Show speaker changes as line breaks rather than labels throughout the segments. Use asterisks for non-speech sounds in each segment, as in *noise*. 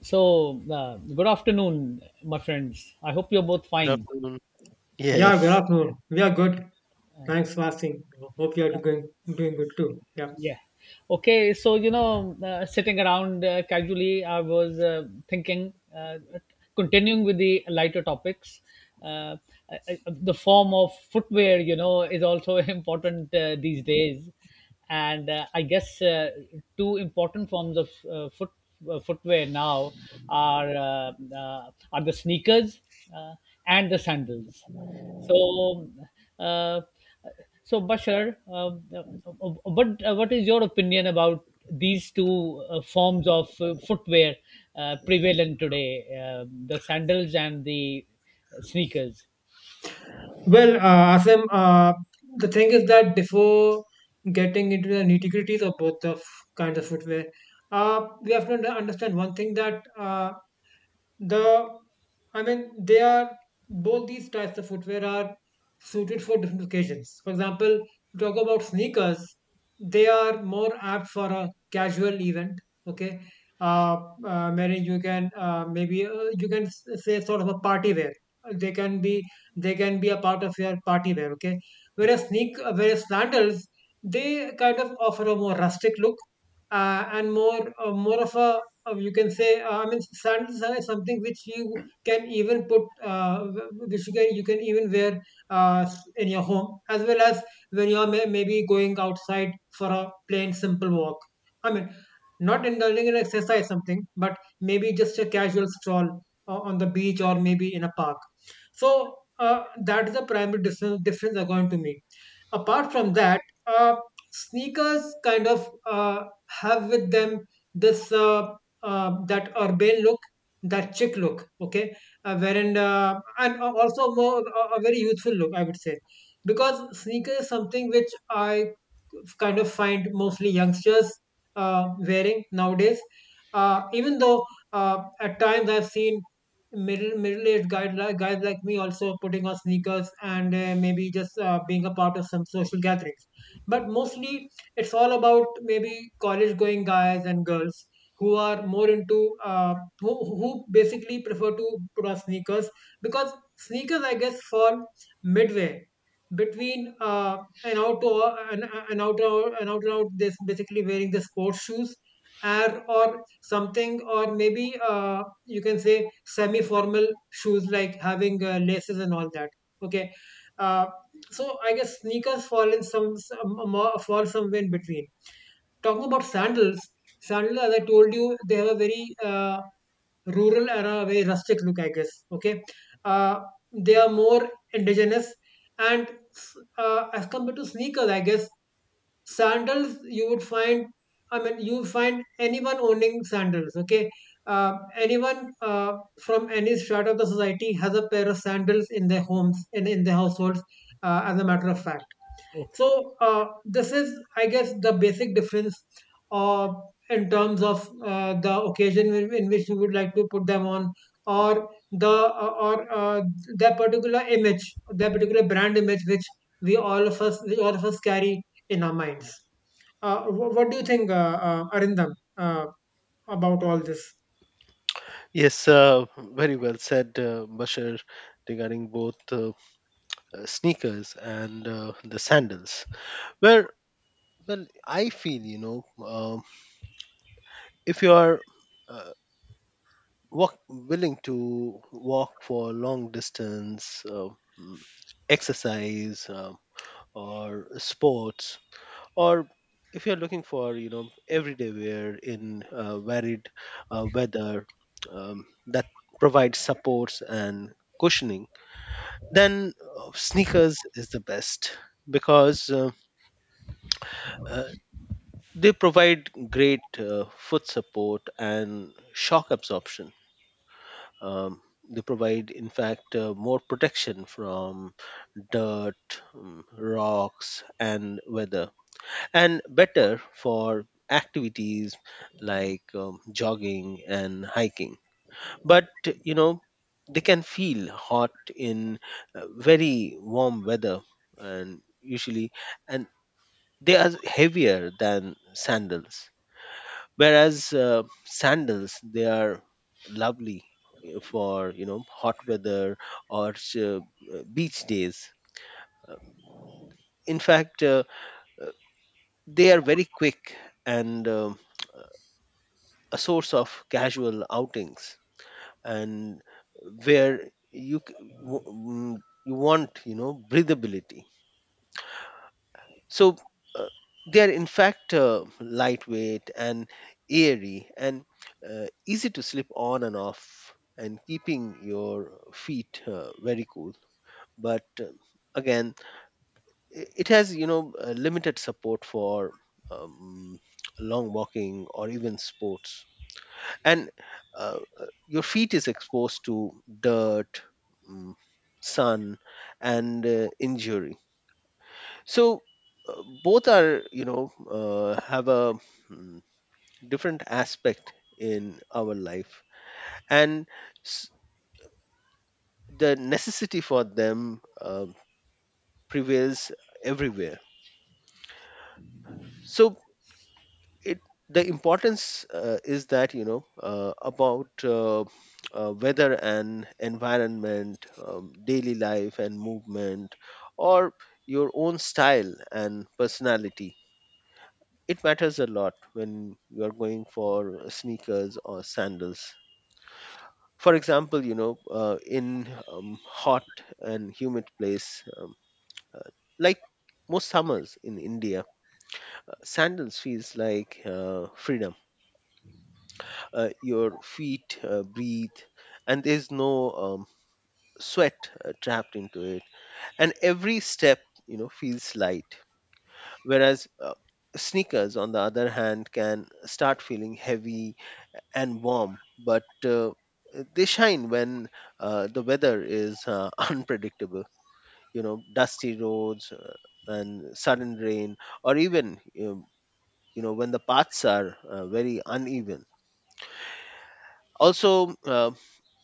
So good afternoon, my friends. I hope you're both
Good
fine.
afternoon.
Yeah, good
Yes,
afternoon. We are good. Thanks for asking. Hope you are doing good too. Yeah.
Yeah. Okay. So sitting around casually, I was thinking, continuing with the lighter topics, uh, the form of footwear, you know, is also *laughs* important these days. And I guess two important forms of footwear now are the sneakers uh, and the sandals. So, uh, so, Bashar, what is your opinion about these two forms of footwear prevalent today, the sandals and the sneakers?
Well, Asim, the thing is that before getting into the nitty gritties of both of kinds of footwear, we have to understand one thing that The they are both these types of footwear are suited for different occasions. For example, you talk about sneakers, they are more apt for a casual event. Okay, uh, Mary, you can maybe you can say sort of a party wear. Uh, They can be they can be a part of your party wear. Okay, whereas sneak whereas sandals they kind of offer a more rustic look and more of a you can say I mean sandals are something which you can even put uh, which you can even wear uh, in your home as well as when you're maybe going outside for a plain simple walk, I mean not indulging in exercise something but maybe just a casual stroll on the beach or maybe in a park. So that is the primary difference according to me. Apart from that, uh, sneakers kind of have with them this that urbane look, that chic look, okay, wherein and also more a very youthful look, I would say, because sneaker is something which I kind of find mostly youngsters wearing nowadays. Even though, at times I've seen middle aged guys like me also putting on sneakers and maybe just being a part of some social gatherings. But mostly it's all about maybe college going guys and girls who are more into uh, who who basically prefer to put on sneakers because sneakers I guess fall midway between and out to and, and out and out and out, this basically wearing the sports shoes or something, or maybe you can say semi formal shoes like having laces and all that. Okay, uh, so I guess sneakers fall in fall somewhere in between. Talking about sandals, sandals as I told you they have a very rural era, very rustic look, I guess. Okay, uh, they are more indigenous, and as compared to sneakers, I guess sandals you would find. I mean, you find anyone owning sandals. Okay, anyone from any strata of the society has a pair of sandals in their homes in their households. As a matter of fact
Okay.
so this is, I guess, the basic difference uh, in terms of the occasion in which you would like to put them on, or the or that particular image, that particular brand image, which we all of us, which all of us carry in our minds. What do you think, Arindam, uh, about all this?
yes, Very well said, Bashir, regarding both sneakers and the sandals. Where, well, I feel, you know, if you are uh, willing to walk for long distance, mm, exercise, or sports, or if you're looking for, you know, everyday wear in varied weather that provides supports and cushioning, then sneakers is the best, because uh, they provide great foot support and shock absorption. um, they provide, in fact, more protection from dirt, rocks and weather, and better for activities like, jogging and hiking. But you know, they can feel hot in very warm weather, and usually and they are heavier than sandals. Whereas sandals, they are lovely for, you know, hot weather or beach days. In fact, uh, they are very quick and, a source of casual outings, and where you c- w- mm, you want, you know, breathability. So uh, they are, in fact, lightweight and airy, and easy to slip on and off, and keeping your feet very cool. But again, it has, you know, limited support for, um, long walking or even sports, and your feet is exposed to dirt, mm, sun, and injury. So both are, you know, have a mm, different aspect in our life, and s- the necessity for them prevails everywhere. So it the importance is that, you know, about weather and environment, daily life and movement, or your own style and personality. It matters a lot when you are going for sneakers or sandals. For example, you know, in hot and humid place, uh, like most summers in India, sandals feels like freedom. Your feet breathe, and there's no sweat trapped into it, and every step, you know, feels light. Whereas sneakers on the other hand can start feeling heavy and warm, but they shine when the weather is *laughs* unpredictable, you know, dusty roads and sudden rain, or even, you know, when the paths are very uneven. Also,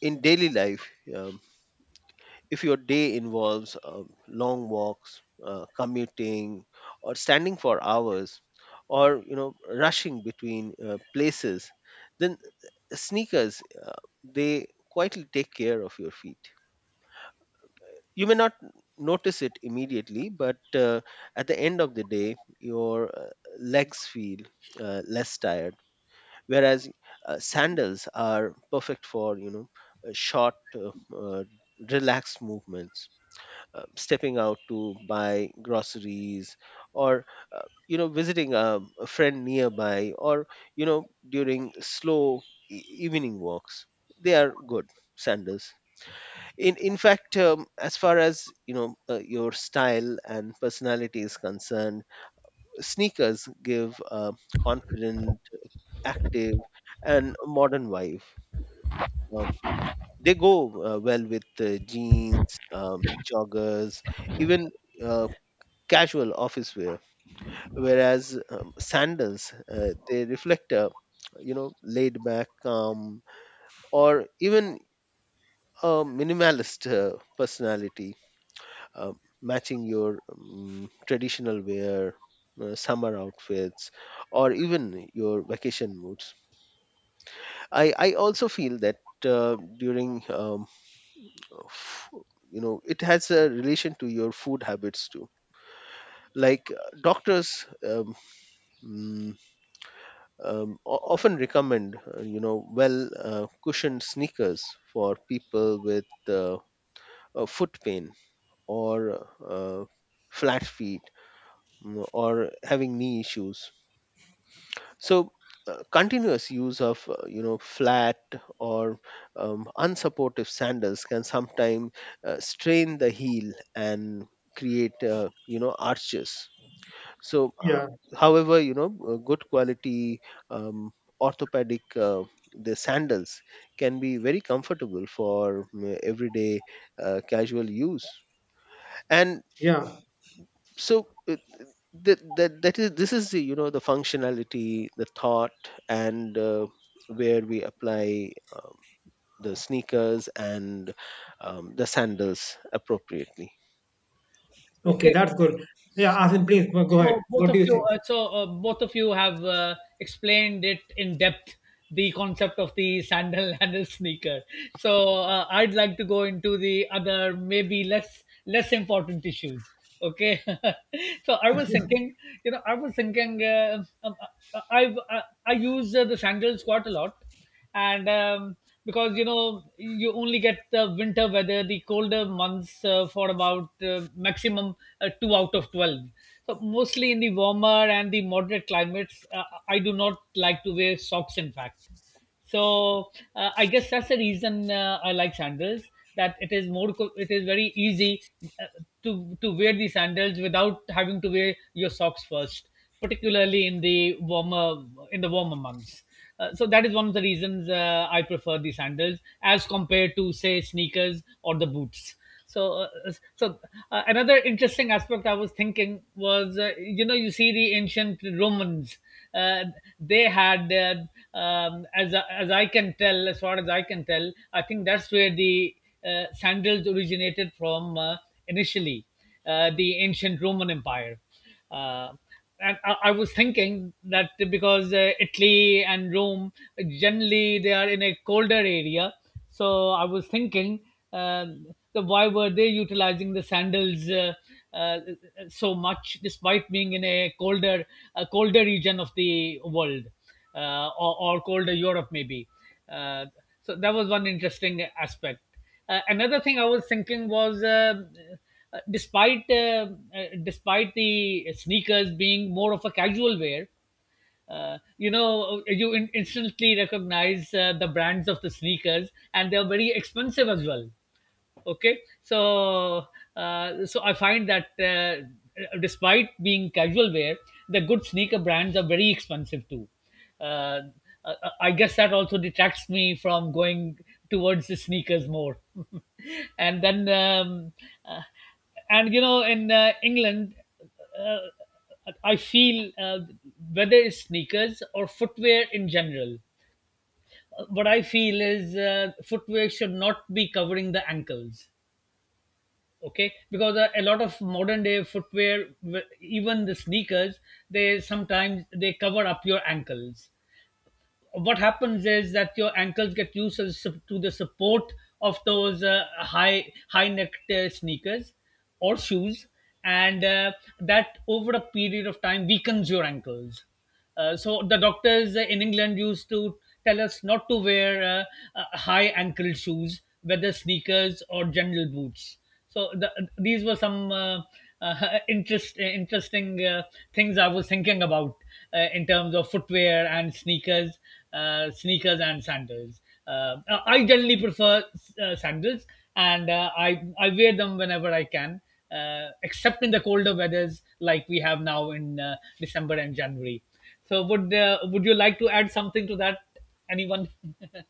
in daily life, if your day involves long walks, commuting, or standing for hours, or you know, rushing between places, then sneakers they quietly take care of your feet. You may not notice it immediately, but at the end of the day, your legs feel less tired. Whereas sandals are perfect for, you know, short relaxed movements, stepping out to buy groceries, or you know, visiting a friend nearby, or you know, during slow evening walks, they are good, sandals. In fact, as far as you know, your style and personality is concerned, sneakers give a confident, active, and modern wife. Um, they go well with jeans, joggers, even uh, casual office wear. Whereas, sandals, they reflect a, you know, laid back, calm, or even a minimalist personality, uh, matching your traditional wear, summer outfits, or even your vacation moods. I also feel that uh, during um, uh, f- you know, it has a relation to your food habits too. Like doctors mm, often recommend, you know, well cushioned sneakers for people with foot pain or uh, flat feet, or having knee issues. So continuous use of you know, flat or unsupportive sandals can sometimes strain the heel and create, you know, arches. So uh,
Yeah,
however you know, good quality, um, orthopedic, the sandals can be very comfortable for, everyday casual use. And
yeah.
so that that that is this is the, you know, the functionality, the thought, and where we apply, the sneakers and, the sandals appropriately.
Okay,
Okay.
that's good. Yeah, Asim, please go ahead.
So both
What do
of
you
you,
think?
both of you have explained it in depth the concept of the sandal *laughs* and the sneaker. So I'd like to go into the other, maybe less important issues. Okay, *laughs* so I was thinking, you know, I was thinking, uh, I, I I use the sandals quite a lot, and because you know you only get the winter weather the colder months for about maximum 2 out of 12. So mostly in the warmer and the moderate climates, I do not like to wear socks, in fact. So I guess that's the reason I like sandals. That it is more, it is very easy uh, to wear the sandals without having to wear your socks first, particularly in the warmer months. So that is one of the reasons I prefer the sandals as compared to say sneakers or the boots. So, another interesting aspect I was thinking was, you know, you see the ancient Romans, uh, they had, as I can tell, as far as I can tell, I think that's where the sandals originated from initially, the ancient Roman Empire. Uh, I was thinking that because Italy and Rome generally they are in a colder area, so I was thinking um, that why were they utilizing the sandals uh, so much despite being in a colder region of the world, or colder Europe maybe. Uh, so that was one interesting aspect. Another thing I was thinking was, uh, despite uh, despite the sneakers being more of a casual wear, you know, you instantly recognize the brands of the sneakers, and they are very expensive as well. Okay, so so I find that despite being casual wear, the good sneaker brands are very expensive too. Uh, i I guess that also detracts me from going towards the sneakers more. *laughs* and then um, uh, and you know in England, uh, I feel uh, whether it's sneakers or footwear in general, what I feel is footwear should not be covering the ankles. Okay, because a lot of modern day footwear, even the sneakers, they sometimes they cover up your ankles. What happens is that your ankles get used to the to the support of those high necked sneakers or shoes, and that over a period of time weakens your ankles. So the doctors in England used to tell us not to wear high ankle shoes, whether sneakers or general boots. So these were some interesting things I was thinking about in terms of footwear and sneakers, sneakers and sandals. Uh, I generally prefer sandals, and I wear them whenever I can, except in the colder weathers like we have now in December and January. So would you like to add something to that? Anyone? *laughs*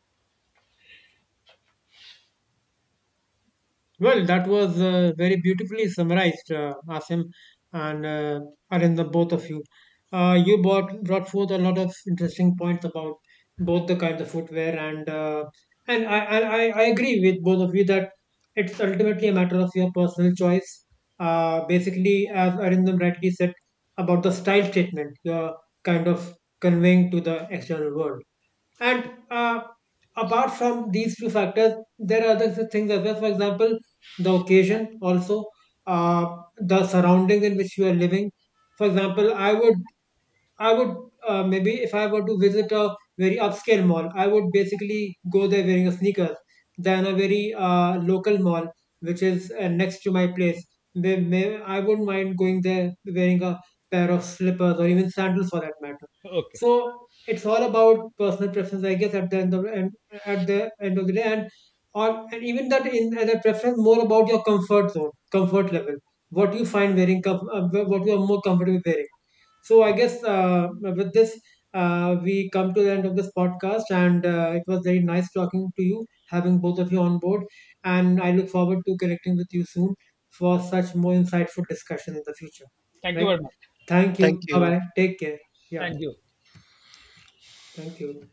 Well, that was very beautifully summarized, Asim and Arindam, both of you. You brought forth a lot of interesting points about both the kinds of footwear, and I agree with both of you that it's ultimately a matter of your personal choice. Basically, as Arindam rightly said about the style statement, you're kind of conveying to the external world. And uh, apart from these few factors, there are other things as well. For example, the occasion also, the surrounding in which you are living. For example, I would maybe if I were to visit a very upscale mall, I would basically go there wearing a sneakers than a very local mall, which is next to my place. I wouldn't mind going there wearing a pair of slippers or even sandals for that matter.
Okay.
So it's all about personal preference, I guess, at the end of the day, and or and even that in and that preference more about your comfort zone, comfort level, what you find wearing, what you are more comfortable wearing. So I guess with this, we come to the end of this podcast, and it was very nice talking to you, having both of you on board. And I look forward to connecting with you soon for such more insightful discussion in the future.
Thank you
Right?
very much.
Thank
Thank
you. Bye
you.
bye. Take care. Yeah.
And you.
Thank you.